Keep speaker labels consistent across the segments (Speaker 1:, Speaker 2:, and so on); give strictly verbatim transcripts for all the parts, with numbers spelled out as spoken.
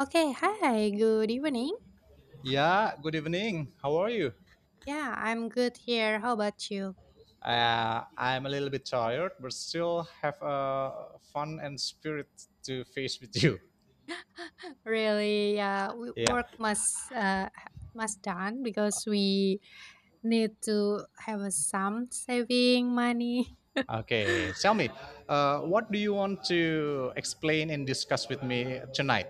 Speaker 1: Okay, hi, good evening.
Speaker 2: Yeah, good evening. How are you?
Speaker 1: Yeah, I'm good here. How about you?
Speaker 2: Uh, I'm a little bit tired, but still have a fun and spirit to face with you.
Speaker 1: Really, uh, we-
Speaker 2: Yeah.
Speaker 1: work must uh, ha- must done because we need to have a some saving money.
Speaker 2: Okay. Tell me, uh, what do you want to explain and discuss with me tonight?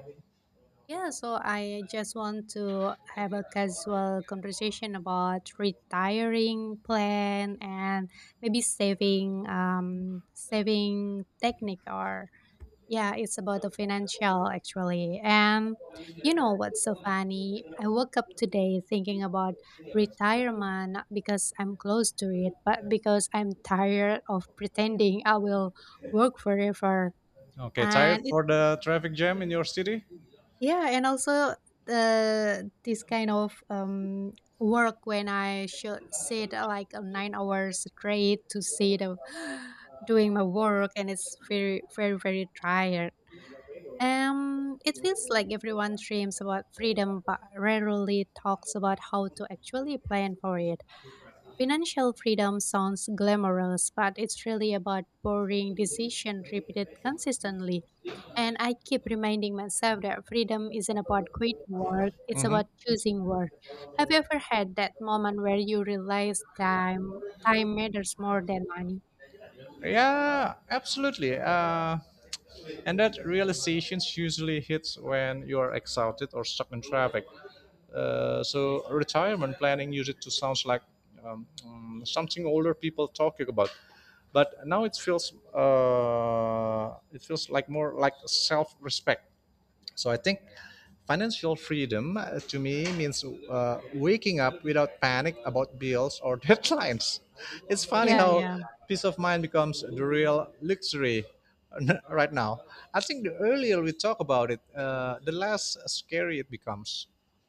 Speaker 1: Yeah, so I just want to have a casual conversation about retiring plan and maybe saving um saving technique or yeah, it's about the financial actually. And you know what's so funny? I woke up today thinking about retirement, not because I'm close to it, but because I'm tired of pretending I will work forever.
Speaker 2: Okay, tired
Speaker 1: And it,
Speaker 2: for the traffic jam in your city?
Speaker 1: yeah, and also uh, this kind of um, work when I should sit uh, like uh, nine hours straight to sit uh, doing my work, and it's very, very, very tired. Um, it feels like everyone dreams about freedom but rarely talks about how to actually plan for it. Financial freedom sounds glamorous, but it's really about boring decision repeated consistently. And I keep reminding myself that freedom isn't about quitting work, it's
Speaker 2: Mm-hmm.
Speaker 1: about choosing work. Have you ever had that moment where you realize time time matters more than money?
Speaker 2: Yeah, absolutely. Uh, And that realization usually hits when you are exhausted or stuck in traffic. Uh, so retirement planning used it to sounds like um, mm, something older people talking about, but now it feels uh, it feels like more like self-respect. So I think financial freedom uh, to me means uh, waking up without panic about bills or deadlines. It's funny
Speaker 1: Yeah,
Speaker 2: how
Speaker 1: yeah.
Speaker 2: peace of mind becomes the real luxury right now. I think the earlier we talk about it, uh, the less scary it becomes.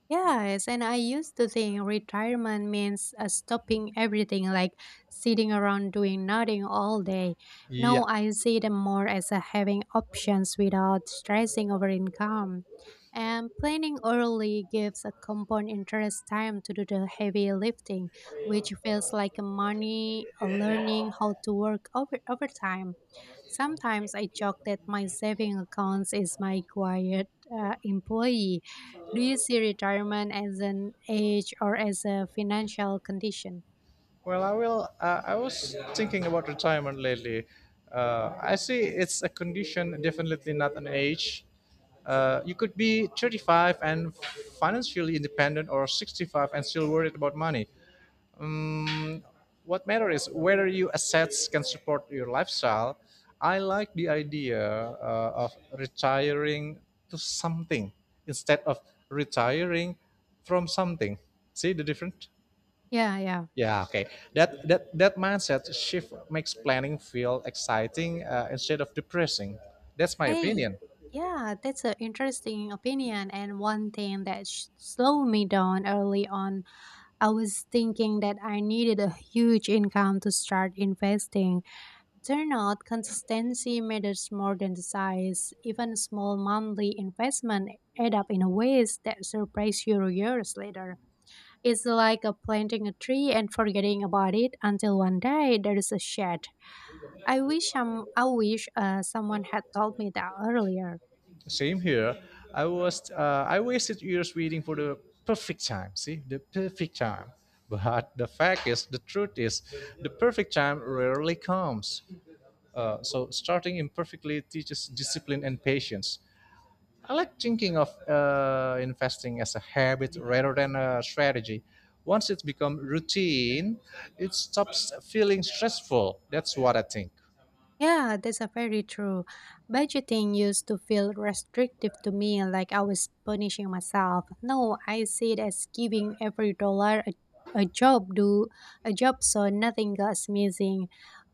Speaker 1: Yes, and I used to think retirement means uh, stopping everything, like sitting around doing nothing all day.
Speaker 2: Yeah.
Speaker 1: Now I see them more as uh, having options without stressing over income. And planning early gives a compound interest time to do the heavy lifting, which feels like money, uh, learning how to work over overtime. Sometimes I joke that my saving accounts is my quiet uh, employee. Do you see retirement as an age or as a financial condition?
Speaker 2: Well, I will. Uh, I was thinking about retirement lately. Uh, I see it's a condition, definitely not an age. Uh, you could be thirty-five and financially independent, or sixty-five and still worried about money. What matters is whether your assets can support your lifestyle. I like the idea uh, of retiring to something instead of retiring from something. See the difference?
Speaker 1: Yeah, yeah.
Speaker 2: Yeah, okay. That that that mindset shift makes planning feel exciting uh, instead of depressing. That's my
Speaker 1: Hey,
Speaker 2: opinion.
Speaker 1: yeah, that's an interesting opinion. And one thing that sh- slowed me down early on, I was thinking that I needed a huge income to start investing. Turn out, consistency matters more than the size. Even small monthly investment add up in ways that surprise you years later. It's like a planting a tree and forgetting about it until one day there is a shade. I wish some, I wish uh, someone had told me that earlier.
Speaker 2: Same here. I was uh, I wasted years waiting for the perfect time. See, the perfect time. But the fact is, the truth is, the perfect time rarely comes. Uh, so starting imperfectly teaches discipline and patience. I like thinking of uh, investing as a habit rather than a strategy. Once it's become routine, it stops feeling stressful. That's what I think.
Speaker 1: Yeah, that's a very true. Budgeting used to feel restrictive to me, like I was punishing myself. No, I see it as giving every dollar a, a job do a job, so nothing goes missing.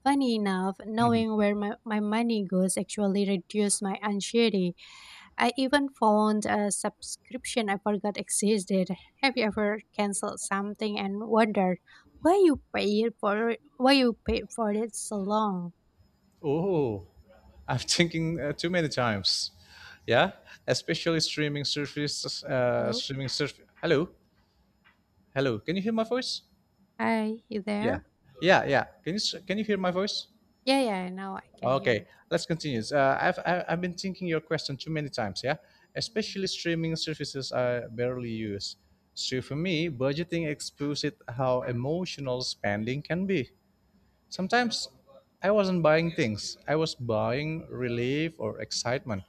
Speaker 1: Funny enough, knowing where my, my money goes actually reduced my anxiety. I even found a subscription I forgot existed. Have you ever canceled something and wondered why you paid for it, why you paid for it so long?
Speaker 2: Oh, I'm thinking uh, too many times. Yeah, especially streaming services. Uh,
Speaker 1: Hello,
Speaker 2: streaming service. Hello, hello. Can you hear my voice?
Speaker 1: hi, you
Speaker 2: Yeah,
Speaker 1: there?
Speaker 2: yeah, yeah. Can you s- can you hear my voice?
Speaker 1: Yeah, yeah, now I can hear
Speaker 2: Okay,
Speaker 1: you.
Speaker 2: let's continue. Uh, I've I- I've been thinking your question too many times. Yeah,
Speaker 1: Mhm,
Speaker 2: especially streaming services I barely use. So for me, budgeting exposes how emotional spending can be. Sometimes I wasn't buying things; I was buying relief or excitement.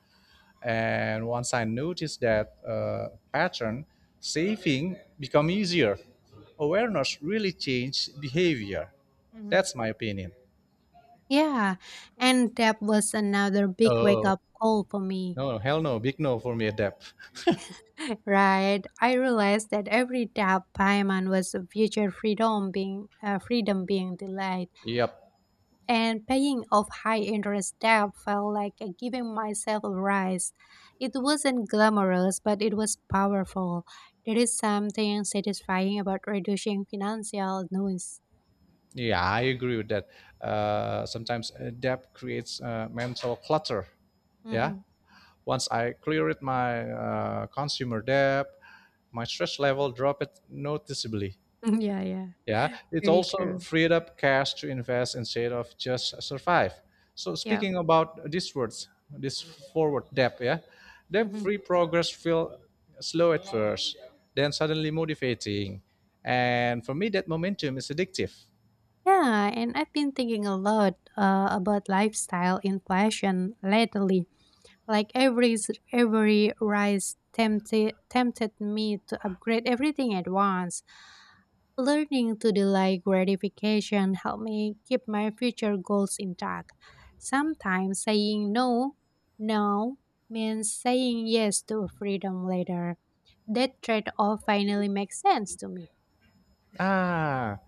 Speaker 2: And once I noticed that uh, pattern, saving become easier. Awareness really changed behavior.
Speaker 1: mhm.
Speaker 2: That's my opinion.
Speaker 1: Yeah, and that was another big wake
Speaker 2: Oh,
Speaker 1: up call for me,
Speaker 2: no, hell no, big no for me. Depth.
Speaker 1: right? I realized that every debt payment was a future freedom being uh, freedom being delayed.
Speaker 2: Yep.
Speaker 1: And paying off high interest debt felt like giving myself a rise. It wasn't glamorous, but it was powerful. There is something satisfying about reducing financial noise.
Speaker 2: Yeah, I agree with that. Uh, sometimes uh, creates uh, mental clutter. Yeah.
Speaker 1: Hmm.
Speaker 2: Once I cleared my uh, consumer debt, my stress level dropped noticeably.
Speaker 1: Yeah, yeah,
Speaker 2: Yeah, it
Speaker 1: very
Speaker 2: also
Speaker 1: true.
Speaker 2: freed up cash to invest instead of just survive. So
Speaker 1: Yeah.
Speaker 2: speaking about this words, this forward debt, yeah,
Speaker 1: Hmm.
Speaker 2: debt-free progress feel slow at first, then suddenly motivating, and for me that momentum is addictive.
Speaker 1: Yeah, and I've been thinking a lot uh, about lifestyle inflation lately. Like every s- every rise tempted tempted me to upgrade everything at once. Learning to delay gratification helped me keep my future goals intact. Sometimes saying no, no means saying yes to freedom later. That trade off finally makes sense to me.
Speaker 2: Ah,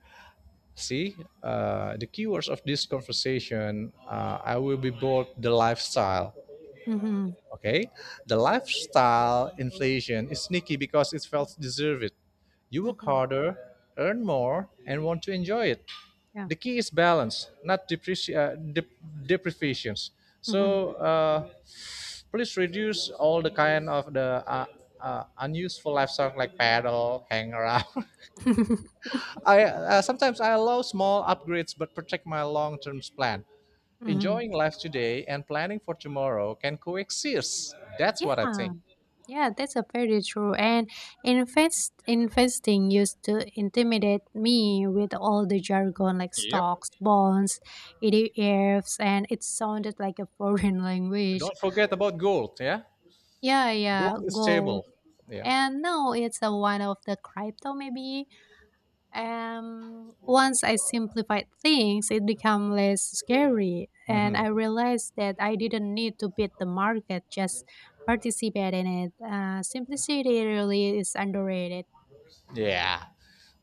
Speaker 2: see, uh, the keywords of this conversation, uh, I will be bored the lifestyle.
Speaker 1: Mm-hmm.
Speaker 2: Okay, the lifestyle inflation is sneaky because it felt deserved. You work
Speaker 1: Mm-hmm.
Speaker 2: harder, earn more, and want to enjoy it.
Speaker 1: Yeah.
Speaker 2: The key is balance, not depreci- uh, dep- deprivations.
Speaker 1: Mm-hmm.
Speaker 2: So uh, please reduce all the kind of the uh, uh, unuseful lifestyle like paddle, hang around. I uh, Sometimes I allow small upgrades but protect my long-term plan.
Speaker 1: Mm-hmm.
Speaker 2: Enjoying life today and planning for tomorrow can coexist. That's what I
Speaker 1: Yeah.
Speaker 2: think.
Speaker 1: Yeah, that's a very true. And invest investing used to intimidate me with all the jargon like
Speaker 2: Yep.
Speaker 1: stocks, bonds, E T Fs, and it sounded like a foreign language.
Speaker 2: Don't forget about gold. Yeah.
Speaker 1: Yeah, yeah,
Speaker 2: Gold is
Speaker 1: gold.
Speaker 2: stable. Yeah.
Speaker 1: And now it's a one of the crypto maybe. Um, once I simplified things, it became less scary, and I realized that I didn't need to beat the market, just participate in it. Uh, simplicity really is underrated.
Speaker 2: Yeah.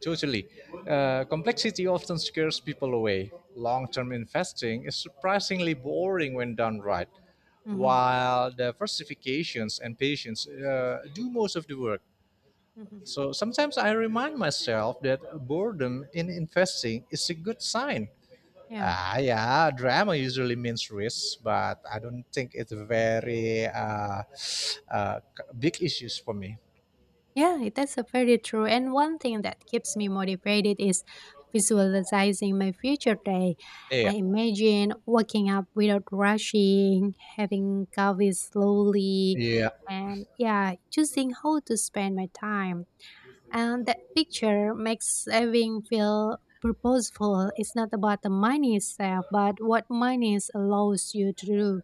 Speaker 2: Totally. Uh, complexity often scares people away. Long term investing is surprisingly boring when done right,
Speaker 1: Hmm.
Speaker 2: while diversifications and patience uh, do most of the work.
Speaker 1: Hmm.
Speaker 2: So sometimes I remind myself that boredom in investing is a good sign.
Speaker 1: Yeah.
Speaker 2: Ah, yeah, drama usually means risk, but I don't think it's very uh, uh, big issues for me.
Speaker 1: Yeah, it- that's a very true. And one thing that keeps me motivated is visualizing my future day.
Speaker 2: Yeah,
Speaker 1: I imagine waking up without rushing, having coffee slowly,
Speaker 2: yeah,
Speaker 1: and yeah, choosing how to spend my time. And that picture makes everything feel purposeful. It's not about the money itself, but what money allows you to do.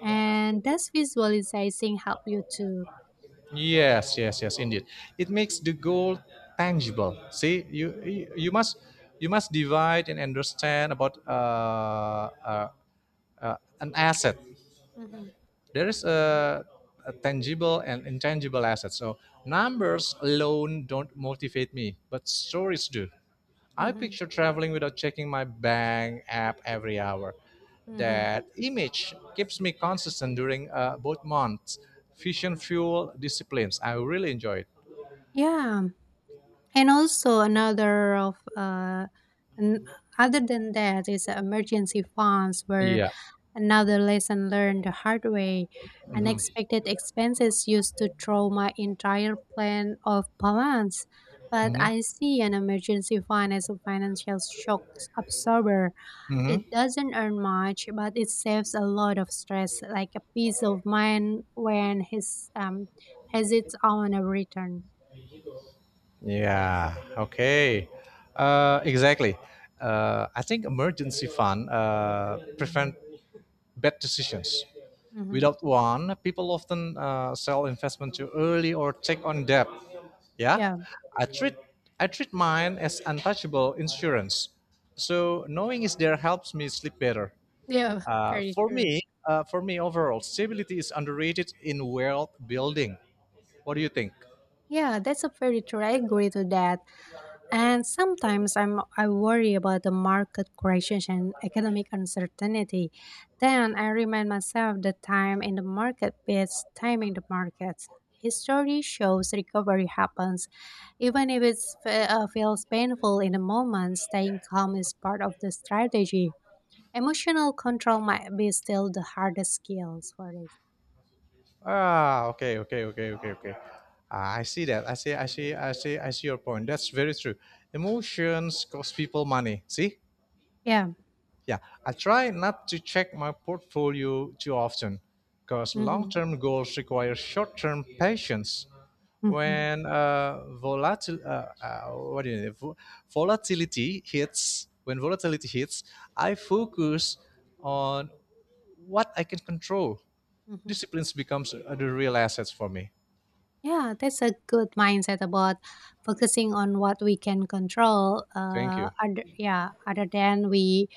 Speaker 1: And does visualizing help you too?
Speaker 2: yes, yes, yes, indeed. It makes the goal tangible. See, you
Speaker 1: Hmm.
Speaker 2: you, you must you must divide and understand about uh, uh, uh, an asset.
Speaker 1: Hmm.
Speaker 2: There is a, a tangible and intangible asset. So numbers alone don't motivate me, but stories do. I
Speaker 1: Hmm.
Speaker 2: picture traveling without checking my bank app every hour.
Speaker 1: Hmm.
Speaker 2: That image keeps me consistent during uh, both months. Fusion fuel disciplines. I really enjoy it.
Speaker 1: Yeah, and also another of uh, an, other than that is emergency funds were
Speaker 2: Yeah.
Speaker 1: another lesson learned the hard way. Unexpected expenses used to throw my entire plan off balance. But
Speaker 2: Hmm.
Speaker 1: I see an emergency fund as a financial shock absorber. It
Speaker 2: Hmm.
Speaker 1: doesn't earn much, but it saves a lot of stress, like a peace of mind when his um has its own return.
Speaker 2: Yeah. Okay. Uh, exactly. Uh, I think emergency fund uh, prevent bad decisions.
Speaker 1: Hmm.
Speaker 2: Without one, people often uh, sell investment too early or take on debt. Yeah,
Speaker 1: Yeah.
Speaker 2: I treat I treat mine as untouchable insurance. So knowing is there helps me sleep better.
Speaker 1: Yeah,
Speaker 2: Uh,
Speaker 1: very
Speaker 2: for
Speaker 1: true.
Speaker 2: me, uh, for me overall, stability is underrated in wealth building. What do you think?
Speaker 1: Yeah, that's a very true. I agree to that. And sometimes I'm I worry about the market corrections and economic uncertainty. Then I remind myself that time in the market beats timing the market. History shows recovery happens, even if it uh, feels painful in the moment. Staying calm is part of the strategy. Emotional control might be still the hardest skills for this.
Speaker 2: Ah, okay, okay, okay, okay, okay. Ah, I see that. I see, I see, I see, I see your point. That's very true. Emotions cost people money. See?
Speaker 1: Yeah.
Speaker 2: Yeah, I try not to check my portfolio too often because long
Speaker 1: Mm-hmm.
Speaker 2: term goals require short term patience.
Speaker 1: Mm-hmm.
Speaker 2: When uh, volatil- uh, uh, what do you vo- volatility hits, when volatility hits, I focus on what I can control.
Speaker 1: Mm-hmm.
Speaker 2: Disciplines becomes uh, the real assets for me.
Speaker 1: Yeah, that's a good mindset about focusing on what we can control.
Speaker 2: Thank you.
Speaker 1: Uh, other, yeah, other than we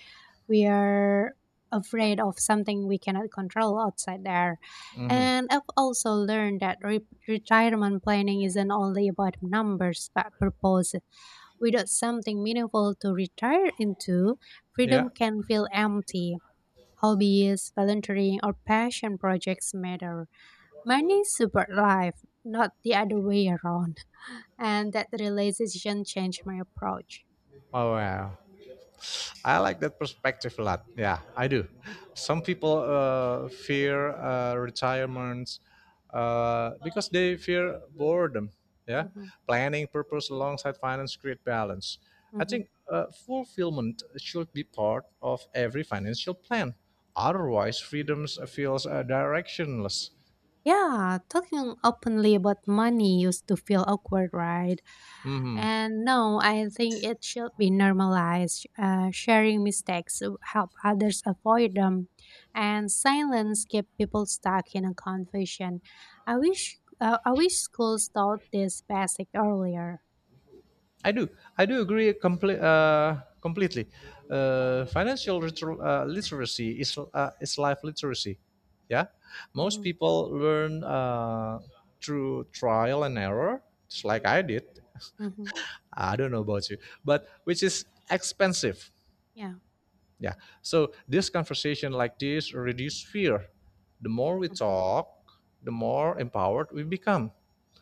Speaker 1: we are afraid of something we cannot control outside there.
Speaker 2: Hmm.
Speaker 1: And I've also learned that re- retirement planning isn't only about numbers but purpose. Without something meaningful to retire into, freedom
Speaker 2: Yeah.
Speaker 1: can feel empty. Hobbies, volunteering, or passion projects matter. Money super life, not the other way around. And that realization changed my approach.
Speaker 2: Oh wow. I like that perspective a lot. Yeah, I do. Some people uh, fear uh, retirements uh, because they fear boredom. Yeah,
Speaker 1: Hmm.
Speaker 2: planning purpose alongside finance create balance. I
Speaker 1: Hmm.
Speaker 2: think uh, fulfillment should be part of every financial plan. Otherwise, freedoms feels uh, directionless.
Speaker 1: Yeah, talking openly about money used to feel awkward, right?
Speaker 2: Mhm.
Speaker 1: And no, I think it should be normalized. Uh, sharing mistakes will help others avoid them, and silence keep people stuck in a confusion. I wish, uh, I wish schools taught this basic earlier.
Speaker 2: I do. I do agree comple- uh, completely. Uh, financial liter- uh, literacy is uh, is life literacy. Yeah, most
Speaker 1: Hmm.
Speaker 2: people learn uh, through trial and error, just like I did.
Speaker 1: Hmm.
Speaker 2: I don't know about you, but which is expensive.
Speaker 1: Yeah.
Speaker 2: Yeah. So this conversation like this reduce fear. The more we
Speaker 1: Hmm.
Speaker 2: talk, the more empowered we become.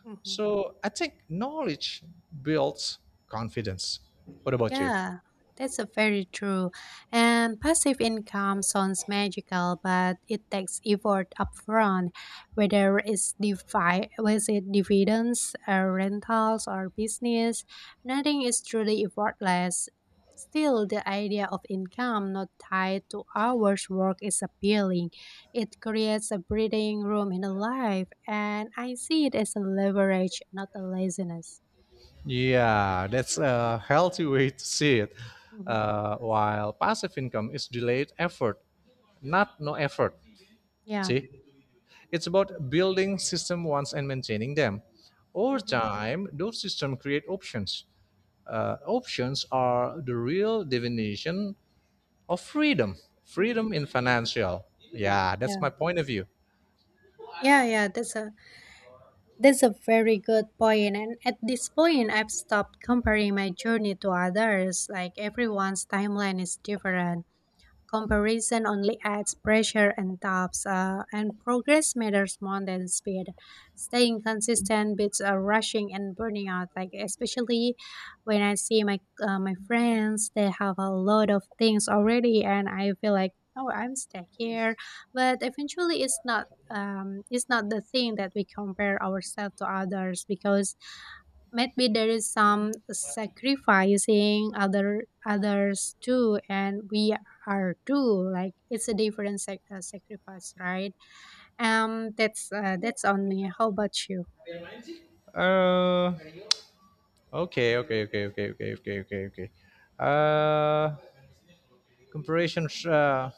Speaker 1: Hmm.
Speaker 2: So I think knowledge builds confidence. What about you?
Speaker 1: Yeah, that's a very true. And passive income sounds magical, but it takes effort upfront, whether it's defi- was it dividends, or rentals, or business. Nothing is truly effortless. Still, the idea of income not tied to hours work is appealing. It creates a breathing room in a life, and I see it as a leverage, not a laziness.
Speaker 2: Yeah, that's a healthy way to see it.
Speaker 1: Mhm.
Speaker 2: Uh, while passive income is delayed effort, not no effort.
Speaker 1: Yeah.
Speaker 2: See, it's about building system once and maintaining them. Over
Speaker 1: Hmm.
Speaker 2: time, those systems create options. Uh, options are the real definition of freedom.
Speaker 1: Hmm.
Speaker 2: Freedom in financial. Yeah, that's
Speaker 1: Yeah.
Speaker 2: my point of view.
Speaker 1: Yeah, yeah, that's a that's a very good point. And at this point, I've stopped comparing my journey to others. Like everyone's timeline is different. Comparison only adds pressure and doubts. Uh, and progress matters more than speed. Staying consistent beats uh, rushing and burning out. Like especially when I see my uh, my friends, they have a lot of things already, and I feel like oh, I'm stuck here. But eventually, it's not um, it's not the thing that we compare ourselves to others because maybe there is some sacrificing other others too and we are too, like it's a different sac- uh, sacrifice, right? Um that's uh, that's on me. How about you?
Speaker 2: Uh, okay, okay, okay, okay, okay, okay, okay, okay. Uh, comparison. Uh,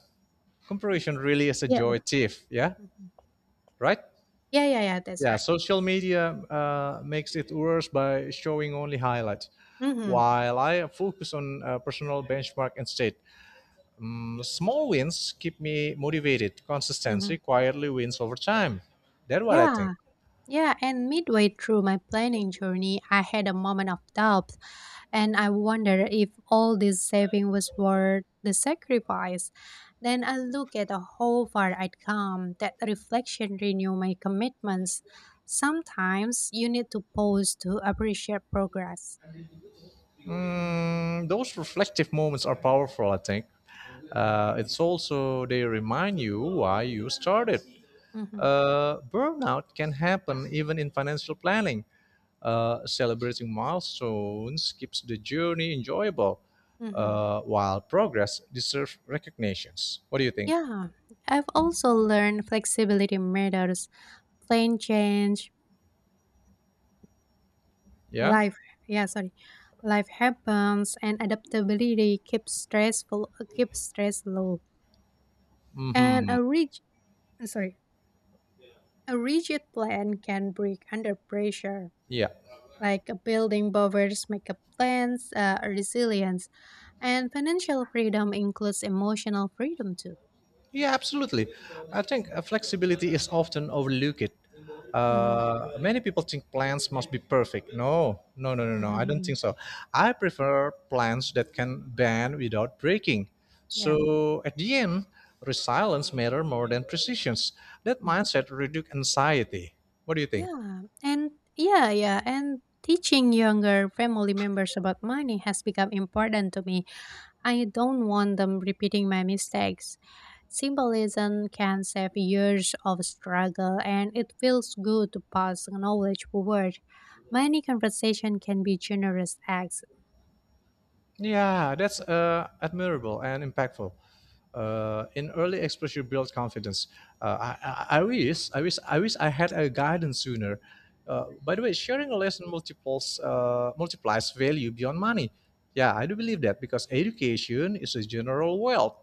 Speaker 2: Comparison really is a
Speaker 1: Yeah.
Speaker 2: joy thief. Yeah,
Speaker 1: Mhm.
Speaker 2: right.
Speaker 1: Yeah, yeah, yeah, that's
Speaker 2: Yeah,
Speaker 1: right.
Speaker 2: social media uh, makes it worse by showing only highlights,
Speaker 1: Mm-hmm.
Speaker 2: while I focus on uh, personal benchmark instead. Mm, small wins keep me motivated.
Speaker 1: Mm-hmm.
Speaker 2: Consistency quietly wins over time. That's what I think.
Speaker 1: Yeah. Yeah, and midway through my planning journey, I had a moment of doubt and I wondered if all this saving was worth the sacrifice. Then I looked at how far I'd come. That reflection renewed my commitments. Sometimes you need to pause to appreciate progress.
Speaker 2: Mm, those reflective moments are powerful. I think uh, it's also they remind you why you started.
Speaker 1: Hmm.
Speaker 2: Uh, burnout can happen even in financial planning. Uh, celebrating milestones keeps the journey enjoyable,
Speaker 1: Hmm.
Speaker 2: uh, while progress deserves recognitions. What do you think?
Speaker 1: Yeah, I've also learned flexibility matters. Plan change,
Speaker 2: Yeah.
Speaker 1: life, yeah, sorry. Life happens and adaptability keeps stressful keeps stress low. And
Speaker 2: Hmm.
Speaker 1: a rigid sorry, a rigid plan can break under pressure.
Speaker 2: Yeah.
Speaker 1: Like a building buffers, makeup plans, uh, resilience, and financial freedom includes emotional freedom too.
Speaker 2: Yeah, absolutely. I think uh, flexibility is often overlooked.
Speaker 1: Hmm.
Speaker 2: Uh, many people think plans must be perfect. No, no, no, no, no. I don't
Speaker 1: Hmm.
Speaker 2: think so. I prefer plans that can bend without breaking.
Speaker 1: Yeah.
Speaker 2: So at the end, resilience matter more than precisions. That
Speaker 1: Mhm.
Speaker 2: mindset reduce anxiety. What do you think?
Speaker 1: Yeah, and yeah, yeah, and teaching younger family members about money has become important to me. I don't want them repeating my mistakes. Symbolism can save years of struggle, and it feels good to pass knowledge forward. Many conversation can be generous acts.
Speaker 2: Yeah, that's uh, admirable and impactful. Uh, in early exposure builds confidence. Uh, I, I, I wish, I wish, I wish I had a guidance sooner. Uh, by the way, sharing a lesson multiples uh, multiplies value beyond money. Yeah, I do believe that because education is a general wealth.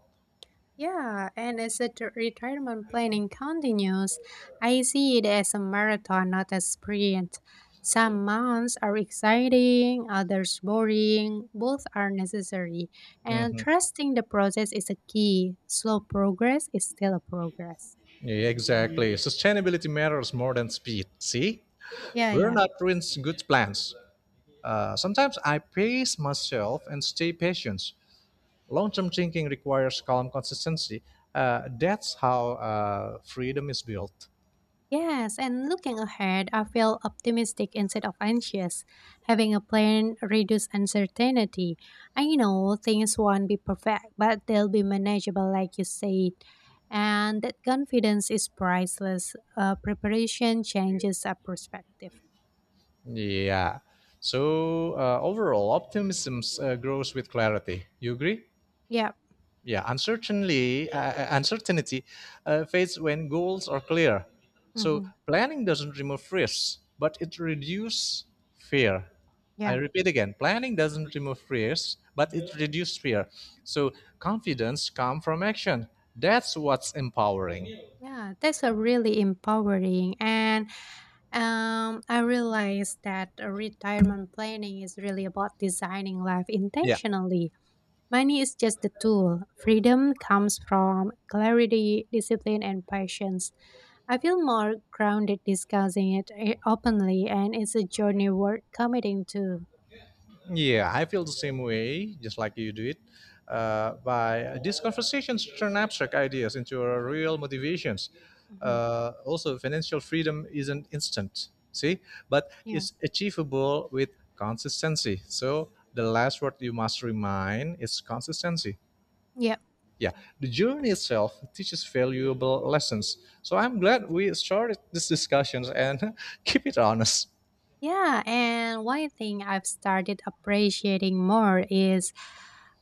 Speaker 1: Yeah, and as the t- retirement planning continues, I see it as a marathon, not a sprint. Some months are exciting, others boring, both are necessary. And
Speaker 2: Mhm.
Speaker 1: trusting the process is a key. Slow progress is still a progress.
Speaker 2: Yeah, exactly. Sustainability matters more than speed. See,
Speaker 1: Yeah, yeah.
Speaker 2: burnout ruins good plans. Uh, sometimes I pace myself and stay patient. Long term thinking requires calm consistency. Uh, that's how uh, freedom is built.
Speaker 1: Yes, and looking ahead, I feel optimistic instead of anxious. Having a plan reduces uncertainty. I know things won't be perfect, but they'll be manageable, like you said. And that confidence is priceless. Uh, preparation changes our perspective.
Speaker 2: Yeah. So uh, overall, optimism uh, grows with clarity. You agree?
Speaker 1: Yeah.
Speaker 2: Yeah. Uncertainty, uh, uh, uncertainty uh, fades when goals are clear. So
Speaker 1: Mm-hmm.
Speaker 2: planning doesn't remove risks, but it reduces fear. I
Speaker 1: Yeah.
Speaker 2: repeat again, planning doesn't remove fears, but it reduces fear. So confidence comes from action. That's what's empowering.
Speaker 1: Yeah, that's a really empowering. And um, I realized that uh, retirement planning is really about designing life
Speaker 2: Yeah,
Speaker 1: intentionally. Money is just the tool. Freedom comes from clarity, discipline, and patience. I feel more grounded discussing it eh, openly, and it's a journey worth committing to.
Speaker 2: yeah, I feel the same way, just like you do it. Uh, by these conversations turn abstract ideas into a real motivations.
Speaker 1: Mhm.
Speaker 2: Uh, also, financial freedom isn't instant, see, but
Speaker 1: Yeah.
Speaker 2: it's achievable with consistency. So the last word you must remind is consistency.
Speaker 1: Yeah.
Speaker 2: Yeah, the journey itself teaches valuable lessons. So I'm glad we started these discussions and keep it honest.
Speaker 1: Yeah, and one thing I've started appreciating more is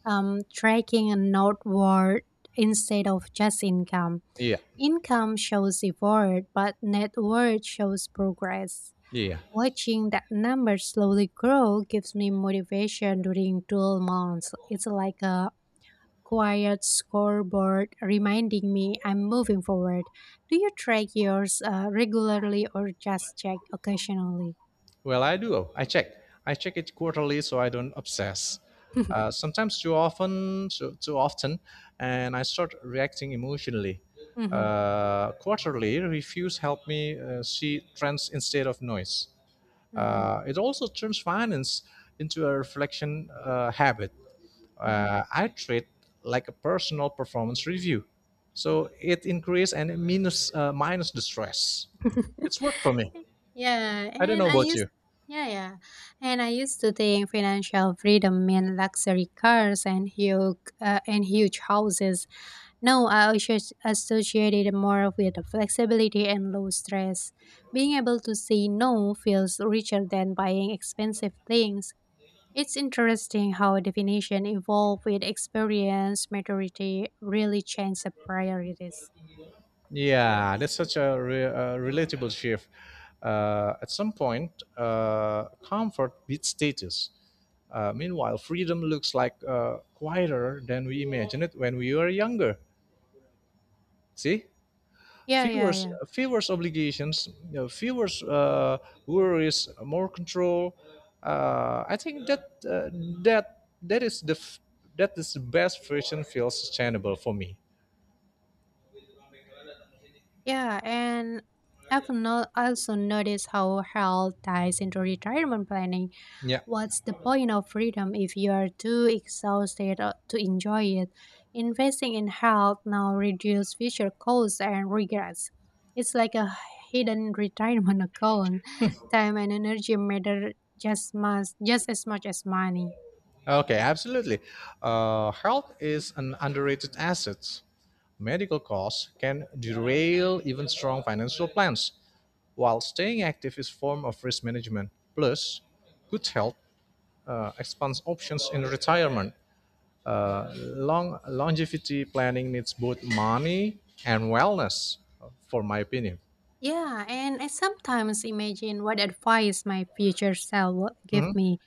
Speaker 1: um, tracking a northward instead of just income.
Speaker 2: Yeah,
Speaker 1: Income shows effort, but net worth shows progress.
Speaker 2: yeah.
Speaker 1: Watching that number slowly grow gives me motivation during dual months. It's like a quiet scoreboard reminding me I'm moving forward. Do you track yours uh, regularly or just check occasionally?
Speaker 2: Well, I do. I check. I check it quarterly so I don't obsess. Uh, sometimes too often, too, too often, and I start reacting emotionally.
Speaker 1: Mhm,
Speaker 2: Uh, quarterly reviews help me uh, see trends instead of noise.
Speaker 1: mhm,
Speaker 2: Uh, it also turns finance into a reflection uh, habit.
Speaker 1: mhm.
Speaker 2: Uh, I treat like a personal performance review, so it increase and minus uh, minus the stress. It's worked for me.
Speaker 1: Yeah,
Speaker 2: I don't
Speaker 1: and
Speaker 2: know
Speaker 1: I
Speaker 2: about
Speaker 1: used
Speaker 2: you.
Speaker 1: yeah, yeah. And I used to think financial freedom meant luxury cars and huge uh, and huge houses. No, I also associated it more with the flexibility and low stress. Being able to say no feels richer than buying expensive things. It's interesting how definition evolve with experience, maturity really change the priorities.
Speaker 2: Yeah, that's such a re- uh, relatable shift. Uh, at some point, uh, comfort beats status. Uh, meanwhile, freedom looks like uh, quieter than we imagined it when we were younger. See,
Speaker 1: Yeah,
Speaker 2: fewer,
Speaker 1: yeah, yeah.
Speaker 2: fewer obligations, you know, fewer uh, worries, more control. Uh, I think that uh, that that is the f- that is the best version feels sustainable for me.
Speaker 1: Yeah, and I've no also noticed how health ties into retirement planning.
Speaker 2: Yeah.
Speaker 1: What's the point of freedom if you are too exhausted uh, to enjoy it? Investing in health now reduces future costs and regrets. It's like a hidden retirement account. Time and energy matter just much, just as much as money.
Speaker 2: Okay, absolutely. Uh, health is an underrated asset. Medical costs can derail even strong financial plans, while staying active is form of risk management. Plus, good health uh, expands options in retirement. Long longevity planning needs both money and wellness, uh, for my opinion.
Speaker 1: Yeah, and I sometimes imagine what advice my future self would give me.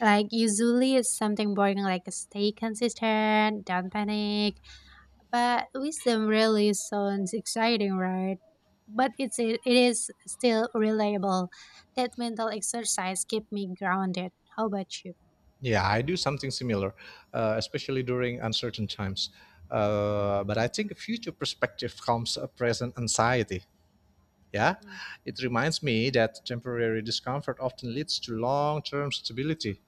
Speaker 1: Like usually it's something boring like stay consistent, don't panic. But wisdom really sounds exciting, right? But it's it is still reliable. That mental exercise keep me grounded. How about you?
Speaker 2: Yeah, I do something similar, uh, especially during uncertain times. Uh, but I think future perspective calms a present anxiety. Yeah,
Speaker 1: Hmm.
Speaker 2: it reminds me that temporary discomfort often leads to long term stability.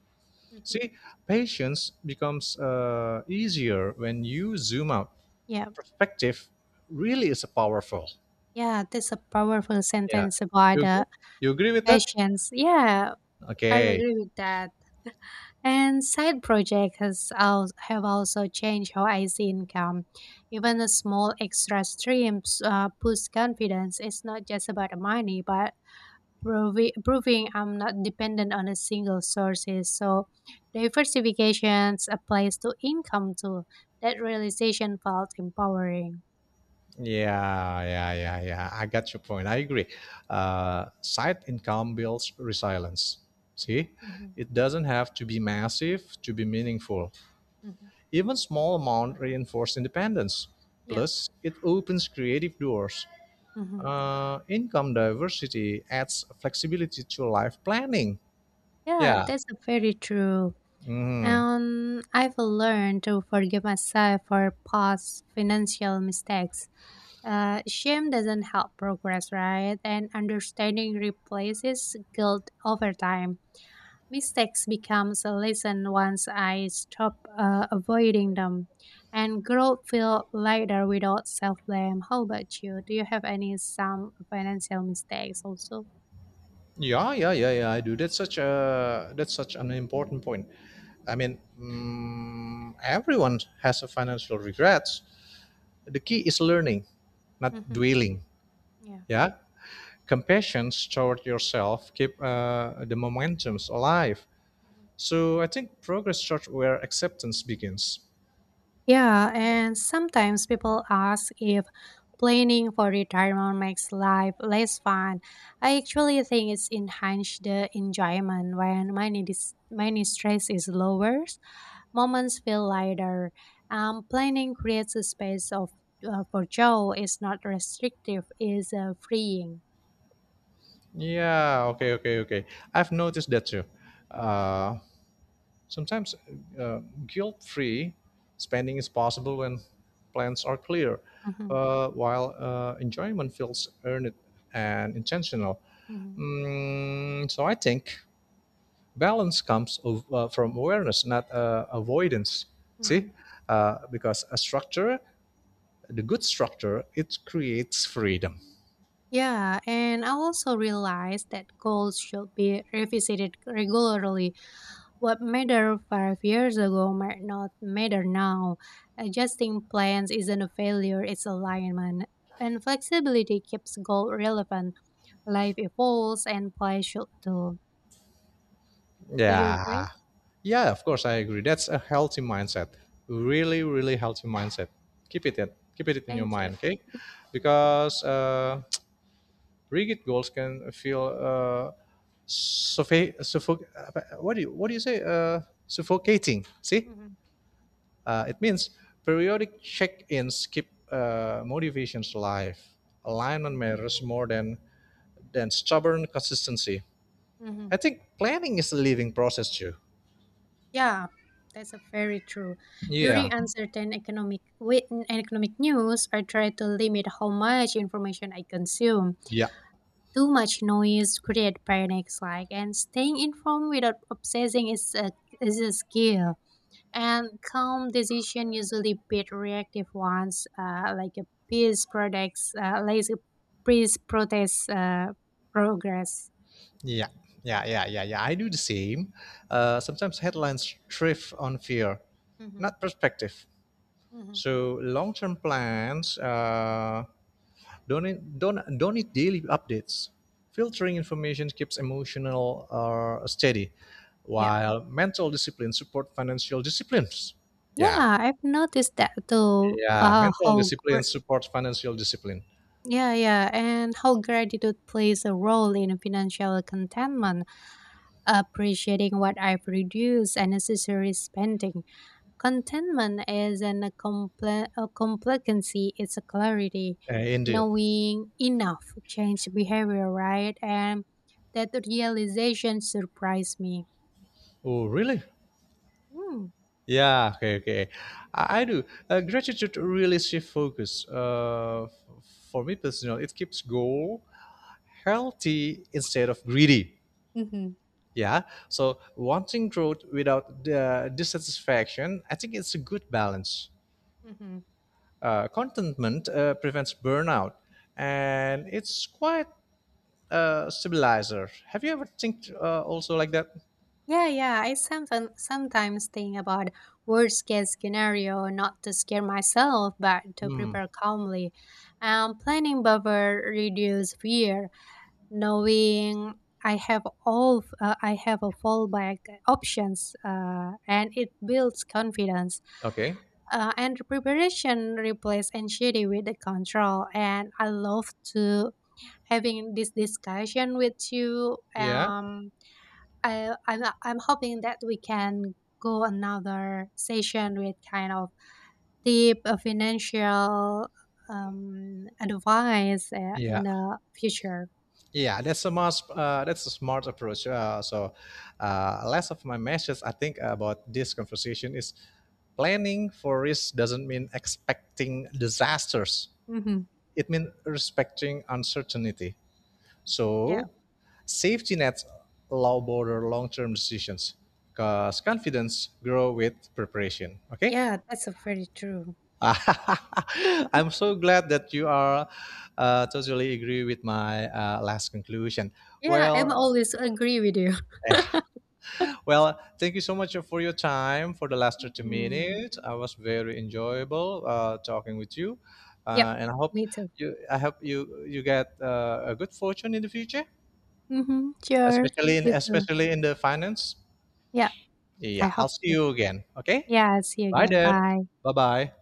Speaker 1: Hmm.
Speaker 2: See, patience becomes uh, easier when you zoom out.
Speaker 1: Yeah.
Speaker 2: Perspective really is powerful.
Speaker 1: Yeah, that's a powerful
Speaker 2: Yeah,
Speaker 1: sentence
Speaker 2: you
Speaker 1: about
Speaker 2: agree?
Speaker 1: the
Speaker 2: You agree with that?
Speaker 1: patience. Yeah, I
Speaker 2: Okay.
Speaker 1: agree with that. And side projects has al- have also changed how I see income. Even a small extra streams uh, boost confidence. It's not just about the money, but provi- proving I'm not dependent on a single sources. So diversifications applies to income too. That realization felt empowering.
Speaker 2: Yeah, yeah, yeah, yeah. I got your point. I agree. Uh, side income builds resilience. See,
Speaker 1: Hmm.
Speaker 2: it doesn't have to be massive to be meaningful.
Speaker 1: Hmm.
Speaker 2: Even small amount reinforce independence.
Speaker 1: Yeah.
Speaker 2: Plus, it opens creative doors.
Speaker 1: Hmm.
Speaker 2: Uh, income diversity adds flexibility to life planning.
Speaker 1: Yeah,
Speaker 2: Yeah.
Speaker 1: that's very true.
Speaker 2: Mhm.
Speaker 1: And I've learned to forgive myself for past financial mistakes. Uh, shame doesn't help progress, right? And understanding replaces guilt over time. Mistakes becomes a lesson once I stop uh, avoiding them, and growth feels lighter without self blame. How about you? Do you have any some financial mistakes also?
Speaker 2: Yeah, yeah, yeah, yeah. I do. That's such a that's such an important point. I mean, mm, everyone has a financial regrets. The key is learning, not
Speaker 1: Hmm.
Speaker 2: dwelling.
Speaker 1: Yeah.
Speaker 2: Yeah, compassion toward yourself keep uh, the momentums alive.
Speaker 1: Mhm.
Speaker 2: So I think progress starts where acceptance begins.
Speaker 1: Yeah, and sometimes people ask if planning for retirement makes life less fun. I actually think it's enhanced the enjoyment when money dis- money stress is lower, moments feel lighter. Um, planning creates a space of uh, for joy. It's not restrictive. It's uh, freeing.
Speaker 2: Yeah, okay, okay, okay. I've noticed that too. Uh, sometimes uh, guilt free spending is possible when plans are clear,
Speaker 1: Mhm,
Speaker 2: uh, while uh, enjoyment feels earned and intentional.
Speaker 1: mhm,
Speaker 2: Mm, so I think balance comes of, uh, from awareness, not uh, avoidance. See?
Speaker 1: mhm.
Speaker 2: Uh, because a structure, the good structure, it creates freedom.
Speaker 1: Yeah, and I also realized that goals should be revisited regularly. What mattered five years ago might not matter now. Adjusting plans isn't a failure, it's alignment. And flexibility keeps goal relevant. Life evolves and play should too. Do you
Speaker 2: Yeah.
Speaker 1: agree?
Speaker 2: Yeah, of course I agree. That's a healthy mindset. Really, really healthy mindset. Keep it in, Keep it in your
Speaker 1: Thank you.
Speaker 2: mind, okay? Because uh, rigid goals can feel uh, suffoc- suffoc- uh, what do you what do you say? Uh, suffocating. See,
Speaker 1: Mhm,
Speaker 2: uh, it means periodic check-ins keep uh, motivations alive. Alignment
Speaker 1: mhm,
Speaker 2: matters more than than stubborn consistency. I
Speaker 1: mhm.
Speaker 2: think planning is a living process too.
Speaker 1: Yeah, that's a very true.
Speaker 2: Yeah.
Speaker 1: During uncertain economic with economic news, I try to limit how much information I consume.
Speaker 2: Yeah,
Speaker 1: Too much noise creates panic, like, and staying informed without obsessing is a, is a skill. And calm decision usually beat reactive ones, uh, like a peace products, uh, like a peace protest uh, progress.
Speaker 2: Yeah, yeah, yeah, yeah, yeah. I do the same. Uh, sometimes headlines thrive on fear,
Speaker 1: Mm-hmm.
Speaker 2: not perspective.
Speaker 1: Mm-hmm.
Speaker 2: So long-term plans uh, don't need, don't don't need daily updates. Filtering information keeps emotional uh, steady,
Speaker 1: Yeah,
Speaker 2: while mental discipline support financial disciplines. Yeah,
Speaker 1: yeah, I've noticed that too.
Speaker 2: yeah.
Speaker 1: Uh,
Speaker 2: Mental
Speaker 1: how gr-
Speaker 2: discipline supports financial discipline.
Speaker 1: yeah, yeah, and how gratitude plays a role in financial contentment, appreciating what I've reduced and necessary spending. Contentment isn't a, comple- a complacency, it's a clarity.
Speaker 2: Uh, indeed.
Speaker 1: Knowing enough change behavior, right? And that realization surprised me.
Speaker 2: Oh, really?
Speaker 1: Hmm.
Speaker 2: Yeah, okay, okay. I, I do. Uh, gratitude really shift focus. Uh, f- for me personally, it keeps goal healthy instead of greedy.
Speaker 1: Hmm.
Speaker 2: Yeah. So wanting growth without the dissatisfaction, I think it's a good balance.
Speaker 1: Mm-hmm.
Speaker 2: Uh, contentment uh, prevents burnout, and it's quite a stabilizer. Have you ever think uh, also like that?
Speaker 1: Yeah, yeah. I sometimes sometimes think about worst case scenario, not to scare myself, but to
Speaker 2: Hmm.
Speaker 1: prepare calmly. Um, planning buffer reduce fear, knowing I have all uh, I have a fallback options, uh, and it builds confidence.
Speaker 2: Okay.
Speaker 1: Uh, and preparation replaces anxiety with the control. And I love to having this discussion with you.
Speaker 2: Yeah.
Speaker 1: Um, I I'm I'm hoping that we can go another session with kind of deep uh, financial um advice uh, in
Speaker 2: Yeah.
Speaker 1: the future.
Speaker 2: Yeah, that's a much uh, that's a smart approach. Uh, so, uh, less of my message I think about this conversation is planning for risk doesn't mean expecting disasters.
Speaker 1: Hmm.
Speaker 2: It means respecting uncertainty.
Speaker 1: Yeah.
Speaker 2: So, safety nets allow border long-term decisions because confidence grow with preparation. Okay.
Speaker 1: Yeah, that's a very true.
Speaker 2: I'm so glad that you are uh, totally agree with my uh, last conclusion.
Speaker 1: Yeah, I'm
Speaker 2: Well,
Speaker 1: always agree with you.
Speaker 2: well, thank you so much for your time for the last thirty
Speaker 1: Mhm.
Speaker 2: minutes. I was very enjoyable uh, talking with you, uh,
Speaker 1: Yep.
Speaker 2: and I hope
Speaker 1: Me too.
Speaker 2: you I hope you you get uh, a good fortune in the future,
Speaker 1: Mhm. Sure.
Speaker 2: especially in
Speaker 1: You too.
Speaker 2: especially in the finance.
Speaker 1: Yeah, I
Speaker 2: Yeah, I'll
Speaker 1: hope
Speaker 2: see
Speaker 1: so.
Speaker 2: you again. Okay,
Speaker 1: Yeah, see you
Speaker 2: bye
Speaker 1: again.
Speaker 2: then.
Speaker 1: Bye.
Speaker 2: Bye bye.